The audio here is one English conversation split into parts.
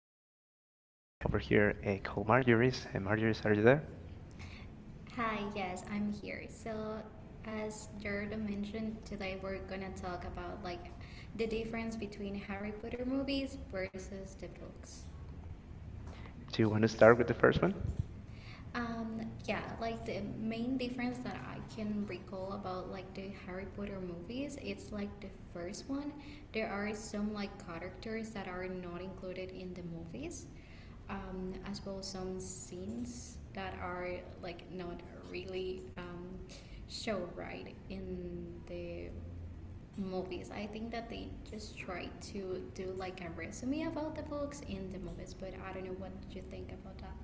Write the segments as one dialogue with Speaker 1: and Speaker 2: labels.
Speaker 1: my
Speaker 2: my
Speaker 1: friend
Speaker 2: friend
Speaker 1: over
Speaker 2: over
Speaker 1: here
Speaker 2: here in
Speaker 1: called Marjorie.
Speaker 2: Marguerite.
Speaker 1: Marjorie, are
Speaker 2: Marguerite,
Speaker 1: you
Speaker 2: are you
Speaker 1: there?
Speaker 2: there? Hi, yes, I'm here. So, as Jared mentioned, today we're gonna talk about like the difference between Harry Potter movies versus the books.
Speaker 1: Do you
Speaker 2: Do you
Speaker 1: want to
Speaker 2: want to
Speaker 1: start with
Speaker 2: start
Speaker 1: the
Speaker 2: with the
Speaker 1: first
Speaker 2: first
Speaker 1: one?
Speaker 2: one? Um, yeah, like the main difference that I can recall about like the Harry Potter movies, it's like the first one, there are some like characters that are not included in the movies, as well as some scenes that are like not really show right in the movies. I think that they just try to do like a resume about the books in the movies, but I don't know what you think about that.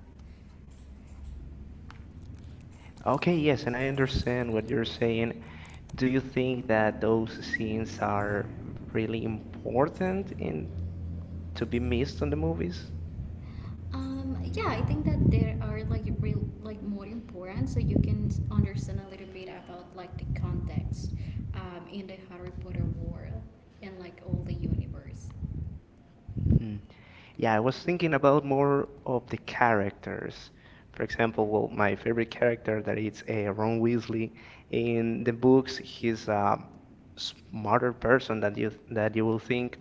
Speaker 1: Okay,
Speaker 2: Okay,
Speaker 1: yes,
Speaker 2: yes,
Speaker 1: and I
Speaker 2: and I understand
Speaker 1: understand what
Speaker 2: what
Speaker 1: you're
Speaker 2: you're
Speaker 1: saying.
Speaker 2: saying.
Speaker 1: Do
Speaker 2: Do
Speaker 1: you
Speaker 2: you
Speaker 1: think
Speaker 2: think
Speaker 1: that
Speaker 2: that
Speaker 1: those
Speaker 2: those
Speaker 1: scenes
Speaker 2: scenes are
Speaker 1: are really
Speaker 2: really important
Speaker 1: important in to
Speaker 2: to
Speaker 1: be
Speaker 2: be
Speaker 1: missed
Speaker 2: missed
Speaker 1: on the
Speaker 2: on movies?
Speaker 1: movies?
Speaker 2: Yeah, I think that there are like real, like more important, so you can understand a little bit about like the context in the Harry Potter world and like all the universe.
Speaker 1: Hmm.
Speaker 2: Yeah,
Speaker 1: Yeah, I
Speaker 2: I was
Speaker 1: was
Speaker 2: thinking
Speaker 1: thinking about
Speaker 2: about more
Speaker 1: more
Speaker 2: of
Speaker 1: of the
Speaker 2: the characters.
Speaker 1: characters. For
Speaker 2: For
Speaker 1: example, well,
Speaker 2: example, my
Speaker 1: my favorite
Speaker 2: favorite character
Speaker 1: character
Speaker 2: that
Speaker 1: that
Speaker 2: is
Speaker 1: is Ron
Speaker 2: Ron Weasley.
Speaker 1: Weasley.
Speaker 2: In
Speaker 1: In
Speaker 2: the
Speaker 1: the
Speaker 2: books,
Speaker 1: books,
Speaker 2: he's
Speaker 1: he's a
Speaker 2: a
Speaker 1: smarter
Speaker 2: smarter person
Speaker 1: person
Speaker 2: that
Speaker 1: than
Speaker 2: you
Speaker 1: you that
Speaker 2: that you
Speaker 1: you will
Speaker 2: would think.
Speaker 1: think.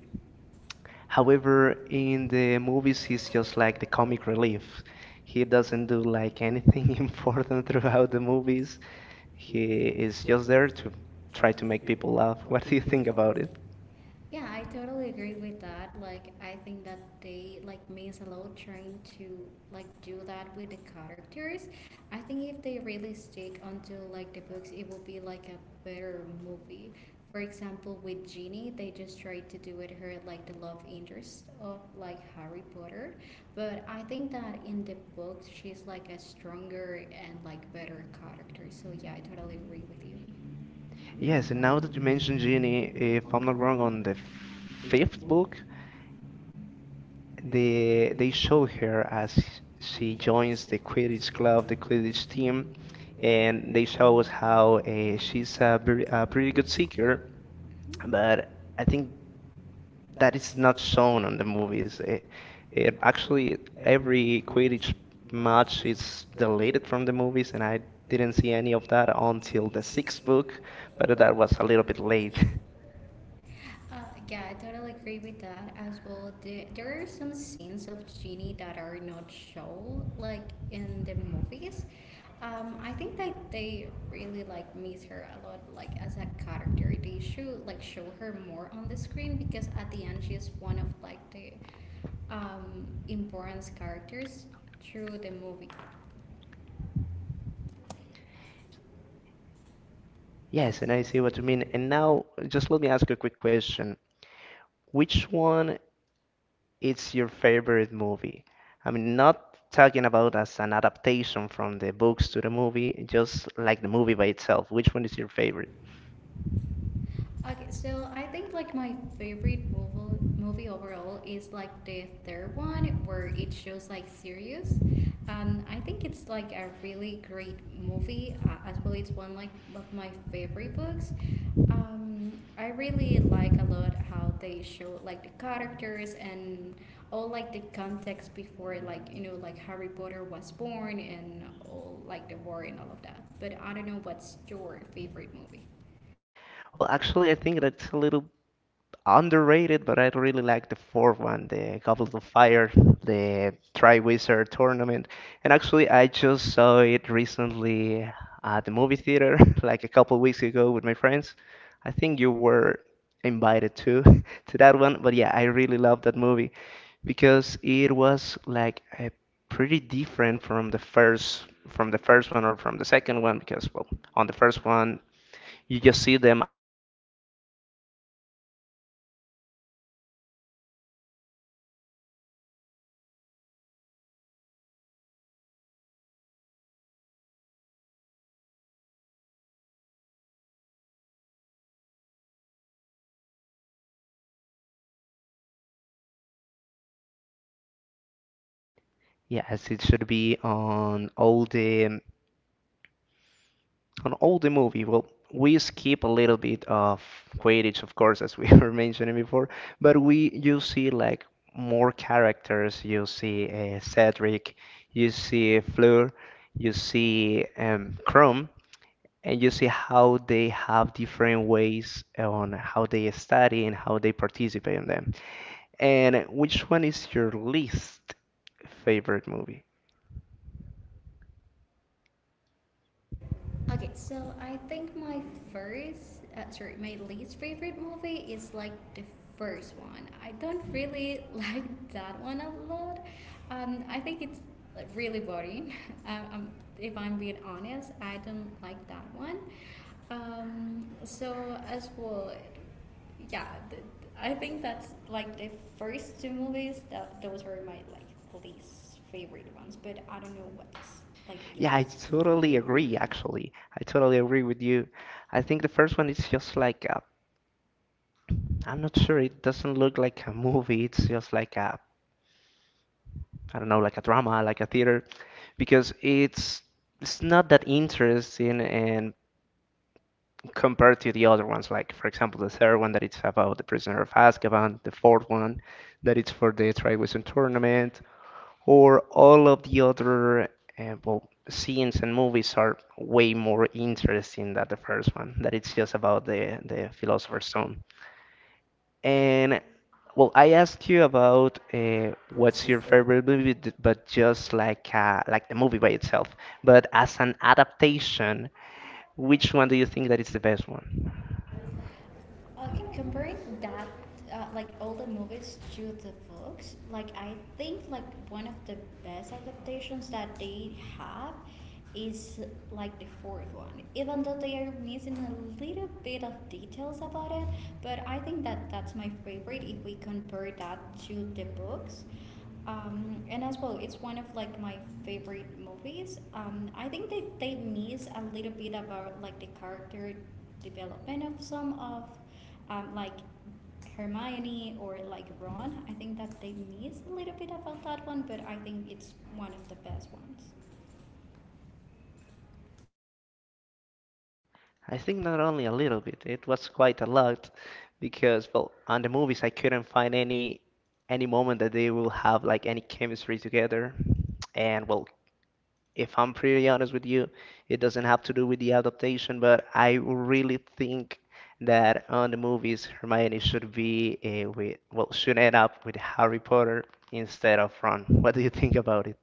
Speaker 1: However,
Speaker 2: However,
Speaker 1: in
Speaker 2: in the
Speaker 1: the movies,
Speaker 2: movies, he's
Speaker 1: he's
Speaker 2: just
Speaker 1: just
Speaker 2: like
Speaker 1: like the
Speaker 2: a comic
Speaker 1: comic
Speaker 2: relief.
Speaker 1: relief. He
Speaker 2: He
Speaker 1: doesn't
Speaker 2: doesn't
Speaker 1: do
Speaker 2: do like
Speaker 1: like anything
Speaker 2: anything
Speaker 1: important
Speaker 2: important
Speaker 1: throughout
Speaker 2: throughout
Speaker 1: the
Speaker 2: the movies.
Speaker 1: movies. He
Speaker 2: He is
Speaker 1: is just
Speaker 2: just
Speaker 1: there
Speaker 2: there
Speaker 1: to
Speaker 2: to try
Speaker 1: try
Speaker 2: to
Speaker 1: to
Speaker 2: make
Speaker 1: make people
Speaker 2: people
Speaker 1: laugh.
Speaker 2: laugh.
Speaker 1: What
Speaker 2: What do
Speaker 1: do
Speaker 2: you
Speaker 1: you
Speaker 2: think
Speaker 1: think
Speaker 2: about
Speaker 1: about
Speaker 2: it?
Speaker 1: it?
Speaker 2: Yeah, I totally agree with that. Like, I think that they like means a lot trying to like do that with the characters. I think if they really stick onto like the books, it will be like a better movie. For example, with Ginny, they just tried to do it her like the love interest of like Harry Potter, but I think that in the books she's like a stronger and like better character. So yeah, I totally agree with you. Yes,
Speaker 1: Yes,
Speaker 2: and
Speaker 1: and
Speaker 2: now
Speaker 1: now that you
Speaker 2: you
Speaker 1: mentioned
Speaker 2: mentioned
Speaker 1: Ginny,
Speaker 2: reading the
Speaker 1: if I'm not
Speaker 2: Common
Speaker 1: wrong,
Speaker 2: Ground
Speaker 1: on
Speaker 2: on
Speaker 1: the
Speaker 2: the
Speaker 1: fifth
Speaker 2: Facebook.
Speaker 1: book,
Speaker 2: They,
Speaker 1: they
Speaker 2: they
Speaker 1: show
Speaker 2: showed
Speaker 1: her
Speaker 2: her as
Speaker 1: as
Speaker 2: she
Speaker 1: she
Speaker 2: joins
Speaker 1: joins
Speaker 2: the
Speaker 1: the Quidditch
Speaker 2: Quidditch club
Speaker 1: club, the
Speaker 2: and Quidditch
Speaker 1: Quidditch team,
Speaker 2: team, and
Speaker 1: and they
Speaker 2: they
Speaker 1: show us
Speaker 2: showed
Speaker 1: how
Speaker 2: how
Speaker 1: she's
Speaker 2: she's a very,
Speaker 1: a
Speaker 2: a
Speaker 1: pretty
Speaker 2: very
Speaker 1: good
Speaker 2: good
Speaker 1: seeker,
Speaker 2: seeker, but
Speaker 1: but I
Speaker 2: I think
Speaker 1: think that
Speaker 2: that
Speaker 1: is
Speaker 2: is
Speaker 1: not
Speaker 2: not
Speaker 1: shown
Speaker 2: shown
Speaker 1: on
Speaker 2: in
Speaker 1: the
Speaker 2: the movies.
Speaker 1: movies.
Speaker 2: Actually,
Speaker 1: Actually, every
Speaker 2: every
Speaker 1: Quidditch
Speaker 2: Quidditch
Speaker 1: match
Speaker 2: match
Speaker 1: is
Speaker 2: is
Speaker 1: deleted
Speaker 2: deleted
Speaker 1: from
Speaker 2: from the
Speaker 1: the
Speaker 2: movies,
Speaker 1: movies, and
Speaker 2: and I
Speaker 1: I didn't
Speaker 2: didn't
Speaker 1: see
Speaker 2: see
Speaker 1: any
Speaker 2: any
Speaker 1: of
Speaker 2: of
Speaker 1: that
Speaker 2: that until
Speaker 1: until the
Speaker 2: the
Speaker 1: sixth
Speaker 2: sixth book,
Speaker 1: book, but
Speaker 2: but
Speaker 1: that
Speaker 2: that
Speaker 1: was
Speaker 2: was
Speaker 1: a
Speaker 2: a
Speaker 1: little
Speaker 2: little
Speaker 1: bit
Speaker 2: bit late.
Speaker 1: late.
Speaker 2: Uh, yeah, I totally agree with that as well. There are some scenes of Genie that are not shown, like in the movies. I think that they really like miss her a lot, like as a character. They should like show her more on the screen because at the end she is one of like the important characters through the movie.
Speaker 1: Yes,
Speaker 2: Yes,
Speaker 1: and
Speaker 2: and I
Speaker 1: I
Speaker 2: see
Speaker 1: see
Speaker 2: what
Speaker 1: what you
Speaker 2: you
Speaker 1: mean.
Speaker 2: mean.
Speaker 1: And
Speaker 2: And now,
Speaker 1: now, just let me ask you a quick question. Which one is your favorite movie? I mean, not talking about as an adaptation from the books to the movie, just like the movie by itself. Which one is your favorite?
Speaker 2: okay, so I think like my favorite movie overall is like the third one where it shows like Sirius. I think it's like a really great movie. As well, it's one like of my favorite books. I really like a lot how they show like the characters and all like the context before like like Harry Potter was born and all like the war and all of that. But I don't know what's your favorite movie.
Speaker 1: Well, actually, I think that's a little underrated, but I really like the fourth one, the Goblet of Fire, the Triwizard Tournament. And actually, I just saw it recently at the movie theater, like a couple weeks ago with my friends. I think you were invited too to that one, but yeah, I really love that movie because it was like a pretty different from the first one or from the second one because, well, on the first one you just see them as kids and they don't do like anything so important as it should be yeah as it should be on all the movie. Well, we skip a little bit of Quidditch, of course, as we were mentioning before, but we you see like more characters. You see Cedric, you see Fleur, you see Krum, and you see how they have different ways on how they study and how they participate in them. And which one is your least favorite movie?
Speaker 2: Okay, so I think my first, sorry, my least favorite movie is like the first one. I don't really like that one a lot. I think it's like, really boring. um, um, if I'm being honest, I don't like that one. So as well, yeah, I think that's like the first two movies. That those are my like least favorite ones, but I don't know what's like. Yeah,
Speaker 1: Yeah, I
Speaker 2: yours. I totally
Speaker 1: totally
Speaker 2: agree,
Speaker 1: agree,
Speaker 2: actually.
Speaker 1: actually. I totally agree with you. I think the first one is just like a, I'm not sure, it doesn't look like a movie, it's just like a, I don't know, like a drama, like a theater, because it's not that interesting and compared to the other ones. Like, for example, the third one that it's about the Prisoner of Azkaban, the fourth one that it's for the Triwizard Tournament, or all of the other well, scenes and movies are way more interesting than the first one. That it's just about the Philosopher's Stone. And well, I asked you about what's your favorite movie, but just like the movie by itself. But as an adaptation, which one do you think that is the best one?
Speaker 2: Okay, comparing that, like all the movies to the books, like I think like one of the best adaptations that they have is like the fourth one. Even though they are missing a little bit of details about it, but I think that that's my favorite if we compare that to the books. And as well, it's one of like my favorite movies. I think they miss a little bit about like the character development of some of like Hermione or like Ron. I think that they miss a little bit about that one, but I think it's one of the best ones.
Speaker 1: I think not only a little bit, it was quite a lot because, well, on the movies I couldn't find any moment that they will have like any chemistry together. And well, if I'm pretty honest with you, it doesn't have to do with the adaptation, but I really think that on the movies Hermione should be with well should end up with Harry Potter instead of Ron. What do you think about it?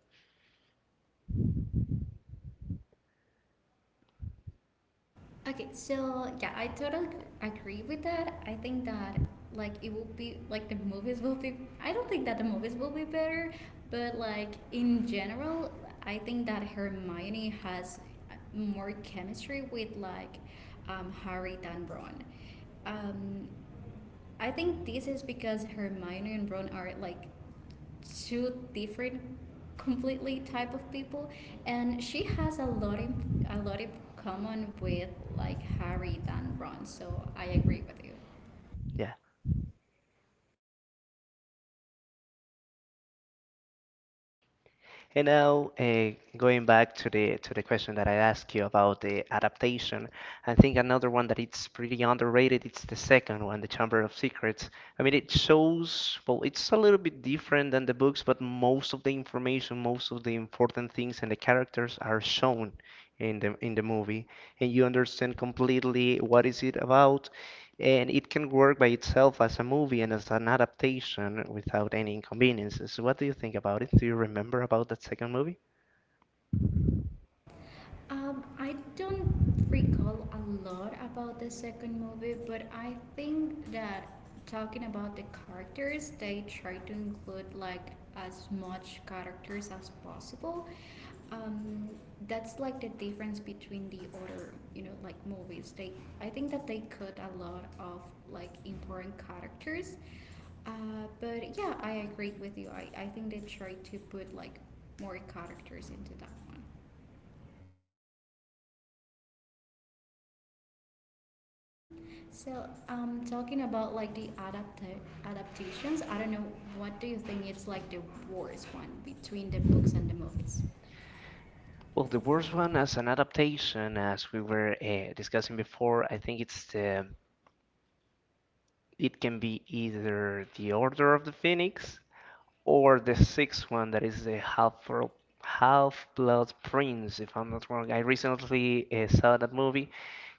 Speaker 2: Okay, so yeah, I totally agree with that. I think that like it will be like the movies will be. I don't think that the movies will be better, but like in general, I think that Hermione has more chemistry with like Harry than Ron. Um, I think this is because Hermione and Ron are like two different completely type of people and she has a lot in common with like Harry than Ron, so I agree with you
Speaker 1: Yeah. And now, going back to the question that I asked you about the adaptation, I think another one that it's pretty underrated. It's the second one, The Chamber of Secrets. I mean, it shows, well, it's a little bit different than the books, but most of the information, most of the important things and the characters are shown in the movie, and you understand completely what is it about and it can work by itself as a movie and as an adaptation without any inconveniences. What do you think about it? Do you remember about that second movie?
Speaker 2: Um, I don't recall a lot about the second movie, but I think that talking about the characters, they try to include like as much characters as possible. Um, that's like the difference between the other, like movies. I think that they cut a lot of like important characters. Uh, but yeah, I agree with you. I think they try to put like more characters into that one. So, talking about like the adaptations, I don't know, what do you think it's like the worst one between the books and the movies?
Speaker 1: Well, the worst one as an adaptation, as we were discussing before, I think it can be either The Order of the Phoenix or the sixth one that is the Half Blood Prince, if I'm not wrong. I recently saw that movie,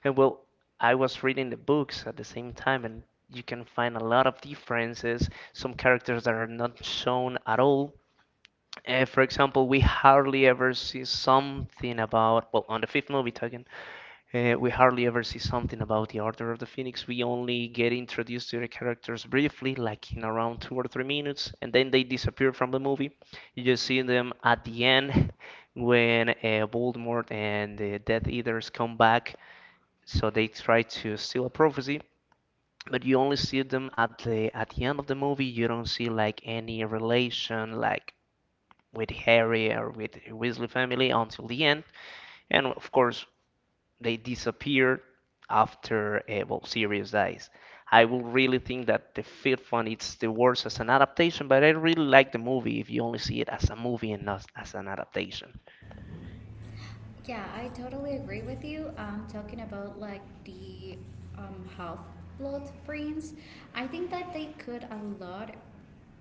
Speaker 1: and well, I was reading the books at the same time, and you can find a lot of differences. Some characters that are not shown at all. For example, we hardly ever see something about, well, on the fifth movie, talking we hardly ever see something about the Order of the Phoenix. We only get introduced to the characters briefly, like in around 2 or 3 minutes, and then they disappear from the movie. You just see them at the end when Voldemort and the Death Eaters come back, so they try to steal a prophecy. But you only see them at the end of the movie. You don't see like any relation, like with Harry or with the Weasley family until the end. And of course, they disappeared after well, Sirius dies. I will really think that the fifth one is the worst as an adaptation, but I really like the movie if you only see it as a movie and not as an adaptation.
Speaker 2: Yeah, I totally agree with you. Talking about like the half blood friends, I think that they could a lot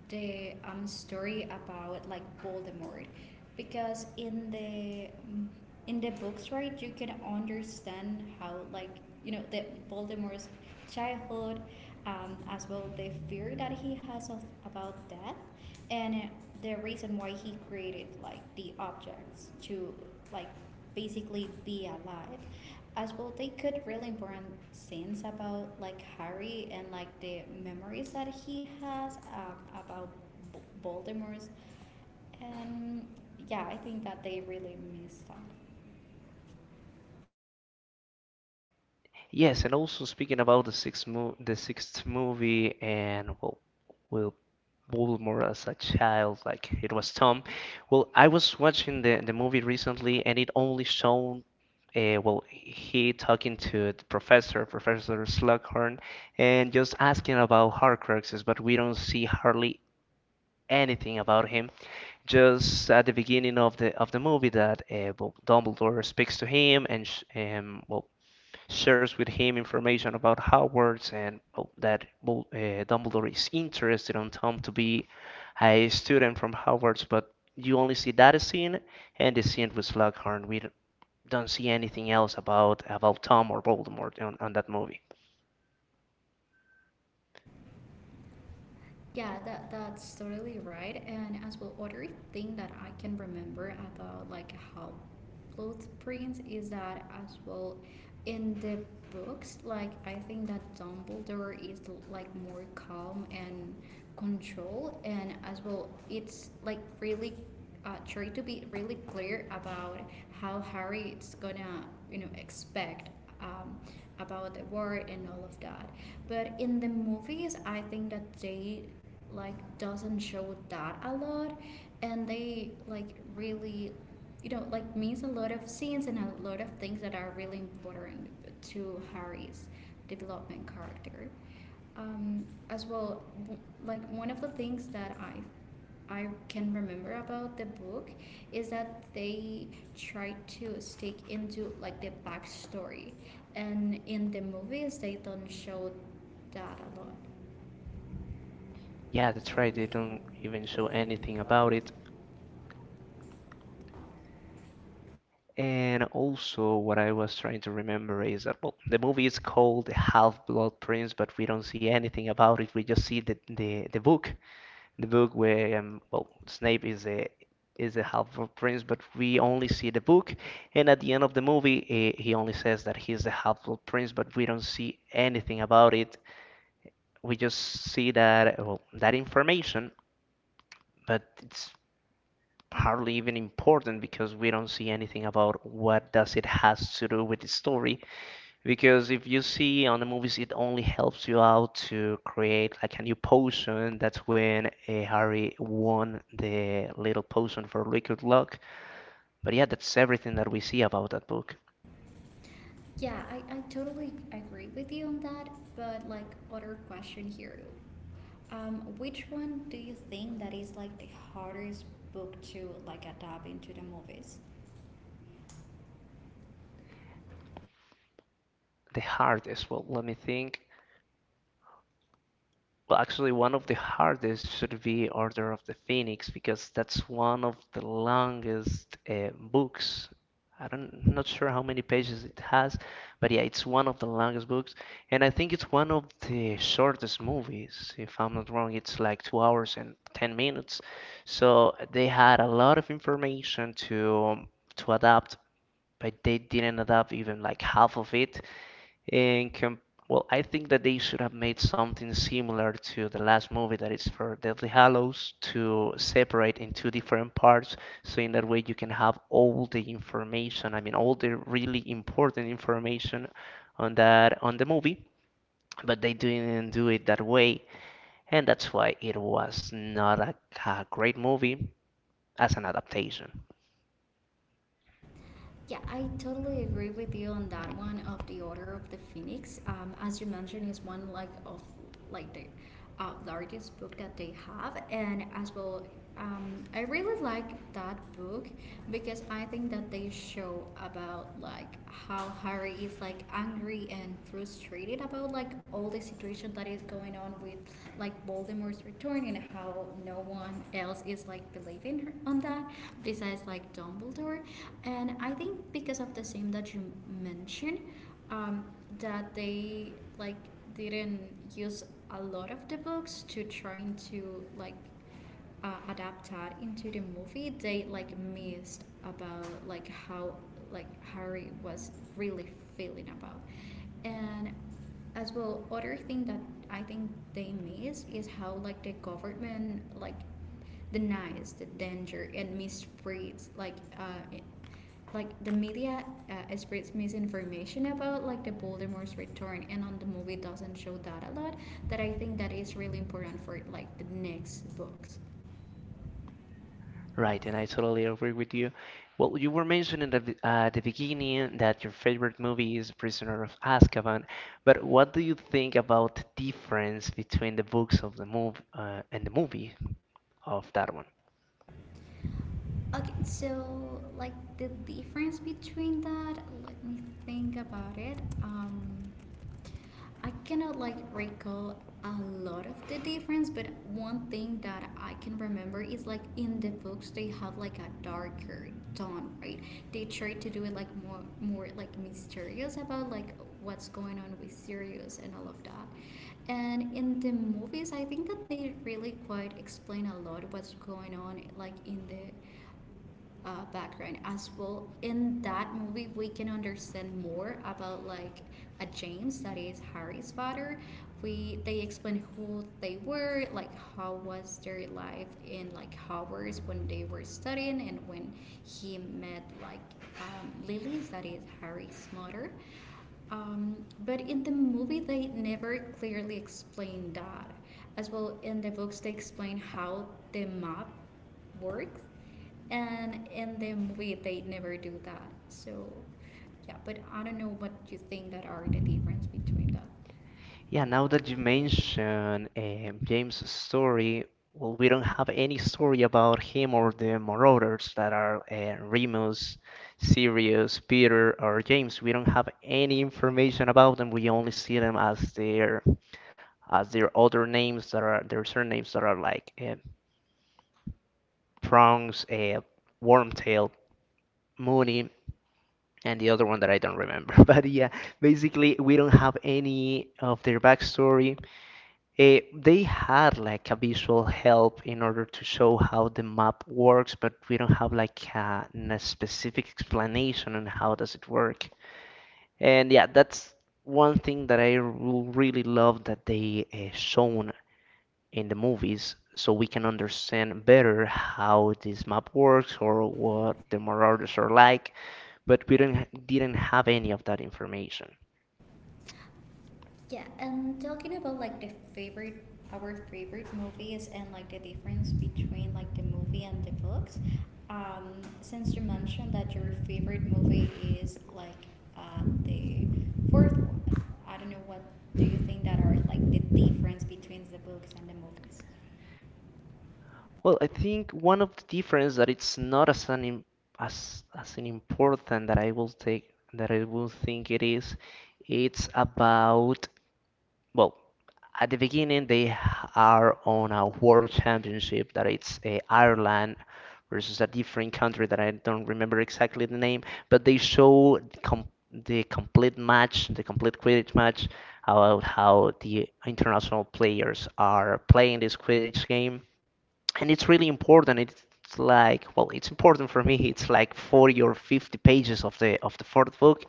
Speaker 2: the story about like Voldemort, because in the books, right, you can understand how like the Voldemort's childhood, as well the fear that he has of about death, and the reason why he created like the objects to like basically be alive as well they could really important scenes about like Harry and like the memories that he has about Voldemort's, and yeah, I think that they really missed that.
Speaker 1: Yes, and also speaking about the sixth movie, and well, we'll Bulmer as a child, like it was Tom. Well, I was watching the movie recently, and it only shown well he talking to the professor, Professor Slughorn, and just asking about Horcruxes, but we don't see hardly anything about him. Just at the beginning of the movie, that well, Dumbledore speaks to him, and sh well shares with him information about Hogwarts, and oh, that Dumbledore is interested on Tom to be a student from Hogwarts, but you only see that scene and the scene with Slughorn. We don't see anything else about Tom or Voldemort on that movie.
Speaker 2: Yeah, that's totally right. And as well, other thing that I can remember about like how blood prints is that as well in the books, like I think that Dumbledore is like more calm and control, and as well, it's like really try to be really clear about how Harry is gonna, expect um, about the war and all of that. But in the movies, I think that they like doesn't show that a lot, and they like really, like miss a lot of scenes and a lot of things that are really important to Harry's development character. As well, like one of the things that I can remember about the book is that they try to stick into like the backstory, and in the movies they don't show that a lot. Yeah,
Speaker 1: Yeah,
Speaker 2: that's
Speaker 1: that's
Speaker 2: right.
Speaker 1: right.
Speaker 2: They
Speaker 1: They
Speaker 2: don't
Speaker 1: don't
Speaker 2: even
Speaker 1: even
Speaker 2: show
Speaker 1: show
Speaker 2: anything
Speaker 1: anything
Speaker 2: about
Speaker 1: about
Speaker 2: it.
Speaker 1: it. And also, what I was trying to remember is that well, the movie is called The Half-Blood Prince, but we don't see anything about it. We just see the book where well Snape is a half blood prince, but we only see the book, and at the end of the movie he only says that he's the half blood prince, but we don't see anything about it. We just see that, well, that information, but it's hardly even important because we don't see anything about what does it has to do with the story, because if you see on the movies it only helps you out to create like a new potion. That's when Harry won the little potion for liquid luck. But yeah, that's everything that we see about that book,
Speaker 2: Yeah, I totally agree with you on that, but like other question here. Which one do you think that is like the hardest book to like adapt into the movies?
Speaker 1: the heart as well. Let me think. Well, actually, one of the hardest should be Order of the Phoenix, because that's one of the longest books. I'm not sure how many pages it has, but yeah, it's one of the longest books, and I think it's one of the shortest movies. If I'm not wrong, it's like 2 hours and 10 minutes. So they had a lot of information to adapt, but they didn't adapt even like half of it. And com- well, I think that they should have made something similar to the last movie that is for Deathly Hallows, to separate in two different parts, so in that way you can have all the information. I mean, all the really important information on the movie, but they didn't do it that way, and that's why it was not a great movie as an adaptation.
Speaker 2: Yeah, I totally agree with you on that one of the Order of the Phoenix. As you mentioned, is one like of like the largest book that they have, and as well, I really like that book because I think that they show about like how Harry is like angry and frustrated about like all the situation that is going on with like Voldemort's was returning, how no one else is like believing her on that besides like Dumbledore. And I think because of the same that you mentioned, um, that they like didn't use a lot of the books to trying to like adapted into the movie, they like missed about like how like Harry was really feeling about, and as well other thing that I think they missed is how like the government like denies the danger and mistreats like the media spreads misinformation about like the Voldemort's return and on the movie doesn't show that a lot that I think that is really important for like the next books.
Speaker 1: Right, and I
Speaker 2: Right.
Speaker 1: totally agree with you. Well, you were mentioning at the beginning that your favorite movie is Prisoner of Azkaban, but what do you think about the difference between the books of the move and the movie of that one?
Speaker 2: Yeah. Okay, so like the difference between that, let me think about it. I cannot like recall a lot of the difference, but one thing that I can remember is like in the books they have like a darker tone, right? They try to do it like more like mysterious about like what's going on with Sirius and all of that. And in the movies, I think that they really quite explain a lot what's going on like in the background as well. In that movie, we can understand more about like a James that is Harry's father. We they explain who they were, like how was their life in like Hogwarts when they were studying, and when he met like Lily, that is Harry's mother. Um, but in the movie, they never clearly explain that. As well, in the books, they explain how the map works, and in the movie they never do that. So yeah, but I don't know what you think that are the difference between that. Yeah,
Speaker 1: Yeah,
Speaker 2: now
Speaker 1: now
Speaker 2: that
Speaker 1: that you
Speaker 2: you mention,
Speaker 1: mention James' story, well, we don't have any story about him or the Marauders, that are Remus, Sirius, Peter, or James. We don't have any information about them. We only see them as their other names that are their surnames that are like Prongs, Wormtail, Mooney, and the other one that I don't remember. But yeah, basically we don't have any of their backstory. They had like a visual help in order to show how the map works, but we don't have like a specific explanation on how does it work. And yeah, that's one thing that I really love that they shown in the movies, so we can understand better how this map works or what the Marauders are like. But we don't, didn't have any of that information.
Speaker 2: yeah, and talking about like the favorite, our favorite movies and like the difference between like the movie and the books. um since you mentioned that your favorite movie is like the fourth one, I don't know what do you think that are like the difference between the books and the movies.
Speaker 1: Well, I think one of the difference that it's not as an as an important that I will take that I will think it is. It's about, well, at the beginning they are on a world championship that it's Ireland versus a different country that I don't remember exactly the name, but they show the complete match, the complete Quidditch match about how the international players are playing this Quidditch game, and it's really important. It's like, well, it's important for me, it's like 40 or 50 pages of the fourth book.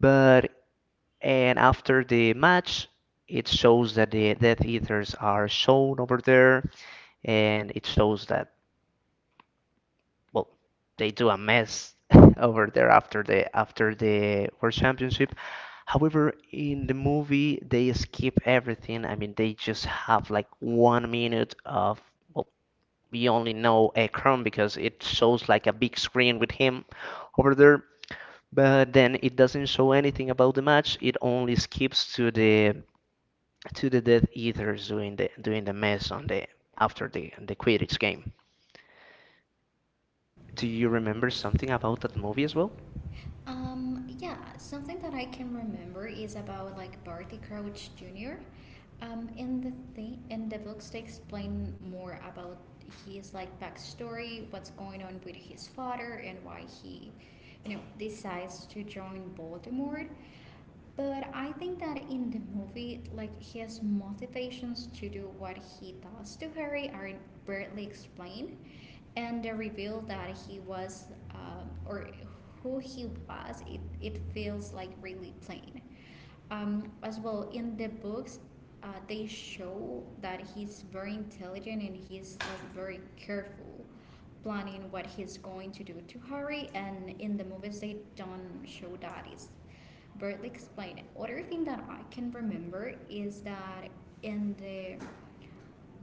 Speaker 1: But and after the match, it shows that the Death Eaters are shown over there, and it shows that, well, they do a mess over there after the world championship. However, in the movie, they skip everything. I mean, they just have like one minute of, well, we only know a Chrome because it shows like a big screen with him over there, but then it doesn't show anything about the match. It only skips to the Death Eaters doing the mess on the after the Quidditch game.
Speaker 2: Do
Speaker 1: Do
Speaker 2: you
Speaker 1: you
Speaker 2: remember
Speaker 1: remember
Speaker 2: something
Speaker 1: something
Speaker 2: about
Speaker 1: about that
Speaker 2: that
Speaker 1: movie
Speaker 2: movie
Speaker 1: as
Speaker 2: as well?
Speaker 1: well?
Speaker 2: Yeah, something that I can remember is about like Barty Crouch Jr. In the thing in the books, they explain more about his like backstory, what's going on with his father, and why he, you know, decides to join Voldemort. But I think that in the movie, like his motivations to do what he does to Harry are barely explained, and the reveal that he was or who he was, it feels like really plain. As well, in the books, they show that he's very intelligent and he's like very careful planning what he's going to do to Harry. And in the movies, they don't show that. It's barely explained. Other thing that I can remember is that in the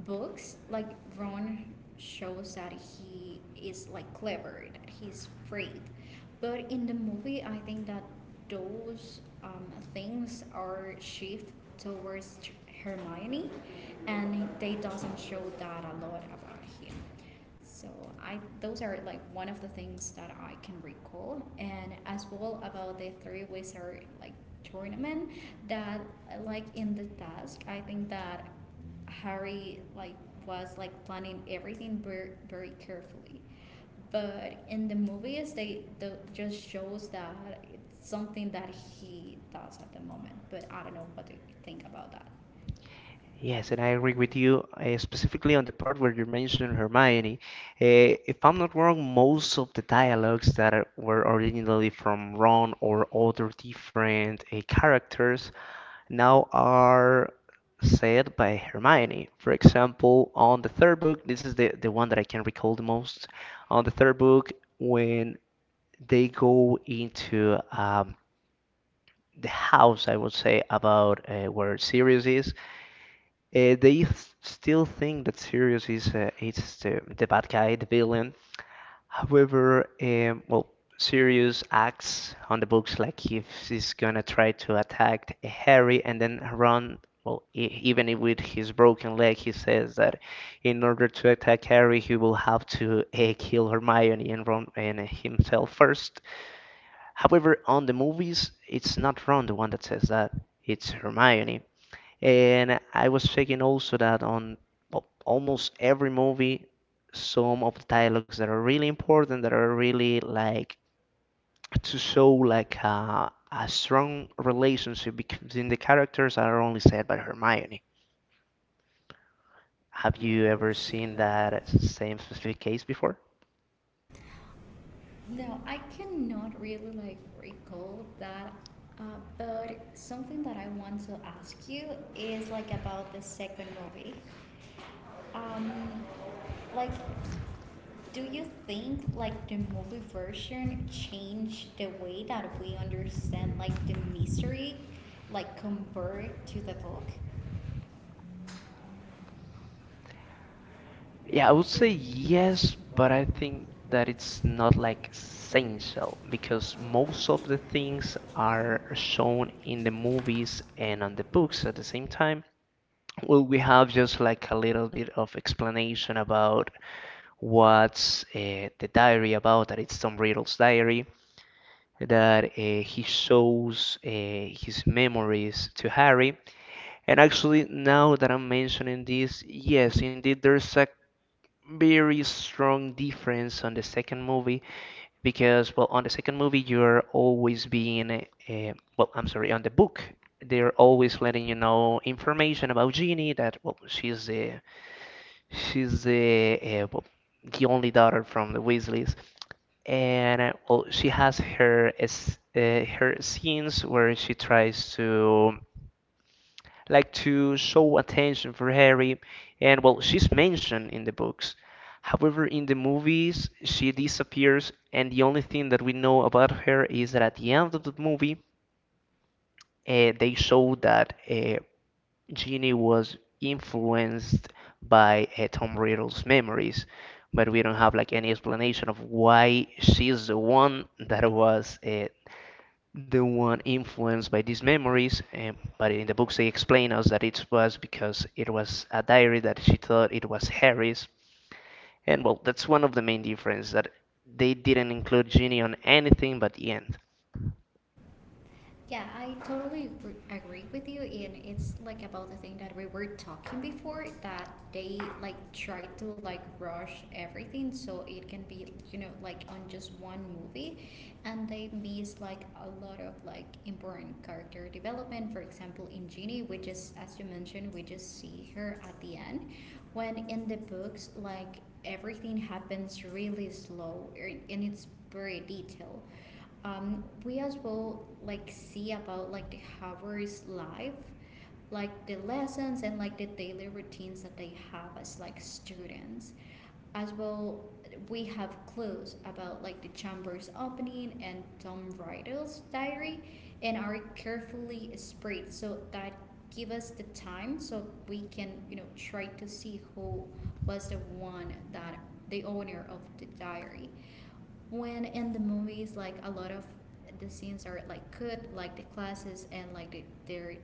Speaker 2: books, like Ron shows that he is like clever, that he's brave. But in the movie, I think that those things are shift towards Hermione, and they doesn't show that a lot about him. So I those are like one of the things that I can recall, and as well about the three wizard like tournament that like in the task I think that Harry like was like planning everything very very carefully, but in the movies they the, just shows that it's something that he does at the moment. But I don't know what do you think about that. Yes,
Speaker 1: Yes,
Speaker 2: and
Speaker 1: and I
Speaker 2: I
Speaker 1: agree
Speaker 2: agree with
Speaker 1: with
Speaker 2: you.
Speaker 1: you specifically on the part where you mentioned Hermione. If I'm not wrong, most of the dialogues that were originally from Ron or other different characters now are said by Hermione. For example, on the third book, this is the one that I can recall the most. On the third book, when they go into the house, I would say, about where Sirius is, they still think that Sirius is it's the bad guy, the villain. However, well, Sirius acts on the books like if he's gonna try to attack Harry and then Ron. Well, even if with his broken leg, he says that in order to attack Harry, he will have to kill Hermione and Ron and himself first. However, on the movies, it's not Ron the one that says that; it's Hermione. And I was checking also that on, well, almost every movie, some of the dialogues that are really important, that are really like to show like a strong relationship between the characters are only said by Hermione. Have
Speaker 2: Have you
Speaker 1: you
Speaker 2: ever
Speaker 1: ever
Speaker 2: seen
Speaker 1: seen that
Speaker 2: that?
Speaker 1: same specific case before?
Speaker 2: No, I cannot really like recall that. Uh, but something that I want to ask you is like about the second movie. Um, like, do you think like the movie version changed the way that we understand like the mystery, like compared to the book? Yeah, I
Speaker 1: Yeah, I
Speaker 2: would
Speaker 1: would
Speaker 2: say
Speaker 1: say
Speaker 2: yes,
Speaker 1: yes,
Speaker 2: but
Speaker 1: but
Speaker 2: I
Speaker 1: I
Speaker 2: think
Speaker 1: think
Speaker 2: that
Speaker 1: that
Speaker 2: it's
Speaker 1: it's
Speaker 2: not
Speaker 1: not
Speaker 2: like
Speaker 1: like
Speaker 2: essential
Speaker 1: essential
Speaker 2: because
Speaker 1: because most
Speaker 2: most
Speaker 1: of
Speaker 2: of
Speaker 1: the
Speaker 2: the things
Speaker 1: things are
Speaker 2: are.
Speaker 1: shown in the movies and on the books at the same time. Well, we have just like a little bit of explanation about what's the diary about, that it's Tom Riddle's diary, that he shows his memories to Harry. And actually, now that I'm mentioning this, yes, indeed, there's a very strong difference on the second movie because, well, on the second movie, you're always being, well, I'm sorry, on the book, they're always letting you know information about Ginny that, well, she's the well, the only daughter from the Weasleys, and well, she has her her scenes where she tries to like to show attention for Harry, and, well, she's mentioned in the books. However, in the movies, she disappears, and the only thing that we know about her is that at the end of the movie, they show that Genie was influenced by Tom Riddle's memories, but we don't have like any explanation of why she's the one that was the one influenced by these memories. But in the books, they explain us that it was because it was a diary that she thought it was Harry's, and, well, that's one of the main differences that they didn't include Genie on anything but the end.
Speaker 2: Yeah, I totally agree with you, and it's like about the thing that we were talking before that they like try to like rush everything so it can be, you know, like on just one movie, and they miss like a lot of like important character development. For example, in Genie, we just, as you mentioned, we just see her at the end, when in the books like everything happens really slow and it's very detailed. We as well like see about like the Harvard's life, like the lessons and like the daily routines that they have as like students. As well, we have clues about like the chamber's opening and Tom Riddle's diary, and are carefully spread so that give us the time so we can, you know, try to see who was the one that the owner of the diary. When in the movies like a lot of the scenes are like cut, like the classes and like the, their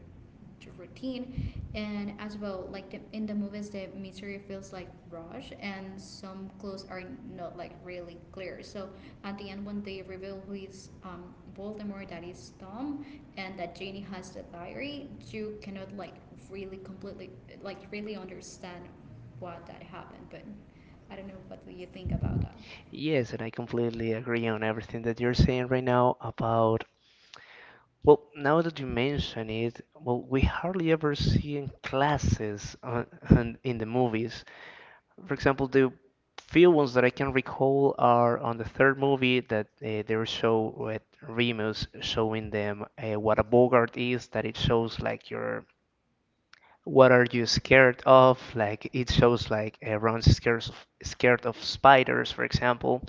Speaker 2: the routine, and as well like the, in the movies the mystery feels like rush and some clues are not like really clear, so at the end when they reveal who is Voldemort, that is Tom, and that Ginny has the diary, you cannot like really completely like really understand what that happened. But I don't know what do you think about that.
Speaker 1: Yes, and I completely agree on everything that you're saying right now about. Well, now that you mention it, well, we hardly ever see in classes in the movies. For example, the few ones that I can recall are on the third movie that they show with Remus showing them what a bogart is, that it shows like your, what are you scared of? Like it shows like Ron's scared of spiders, for example.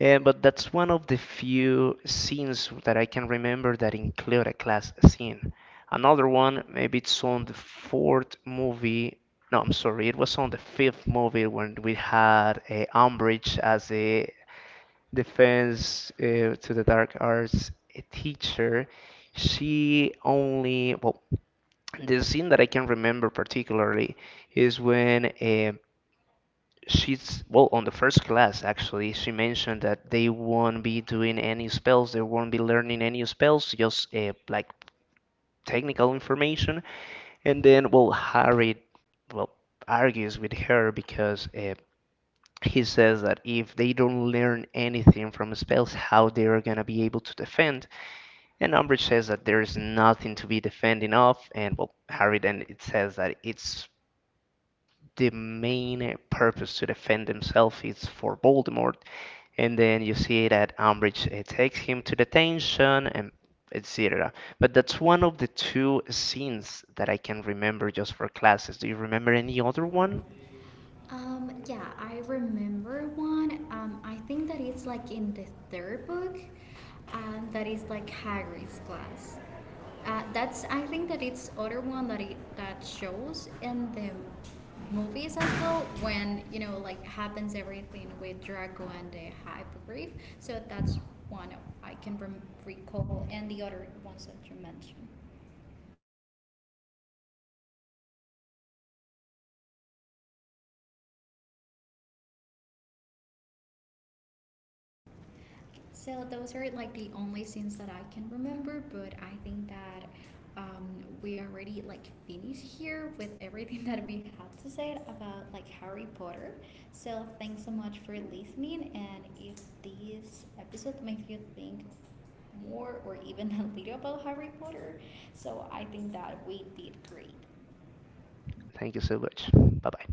Speaker 1: And But that's one of the few scenes that I can remember that include a class scene. Another one, maybe it's on the fourth movie. No, I'm sorry, it was on the fifth movie when we had Umbridge as a defense to the dark arts teacher. She only, well, the scene that I can remember particularly is when she's, well, on the first class, actually, she mentioned that they won't be doing any spells, they won't be learning any spells, just like technical information. And then, well, Harry, well, argues with her because he says that if they don't learn anything from spells, how they are going to be able to defend. And Umbridge says that there is nothing to be defending of. And, well, Harry then it says that it's the main purpose to defend himself is for Voldemort. And then you see that Umbridge takes him to detention and etc. But that's one of the two scenes that I can remember just for classes. Do you remember any other one?
Speaker 2: Yeah, I remember one. I think that it's like in the third book. That is like Hagrid's class. That's, I think that it's other one that it, that shows in the movies as well when, you know, like happens everything with Draco and the Hippogriff. So that's one of I can recall, and the other ones that you mentioned. So those are like the only scenes that I can remember, but I think that um, we already like finished here with everything that we had to say about like Harry Potter. So thanks so much for listening, and if this episode makes you think more or even a little about Harry Potter, so I think that we did great.
Speaker 1: Thank you so much. Bye bye.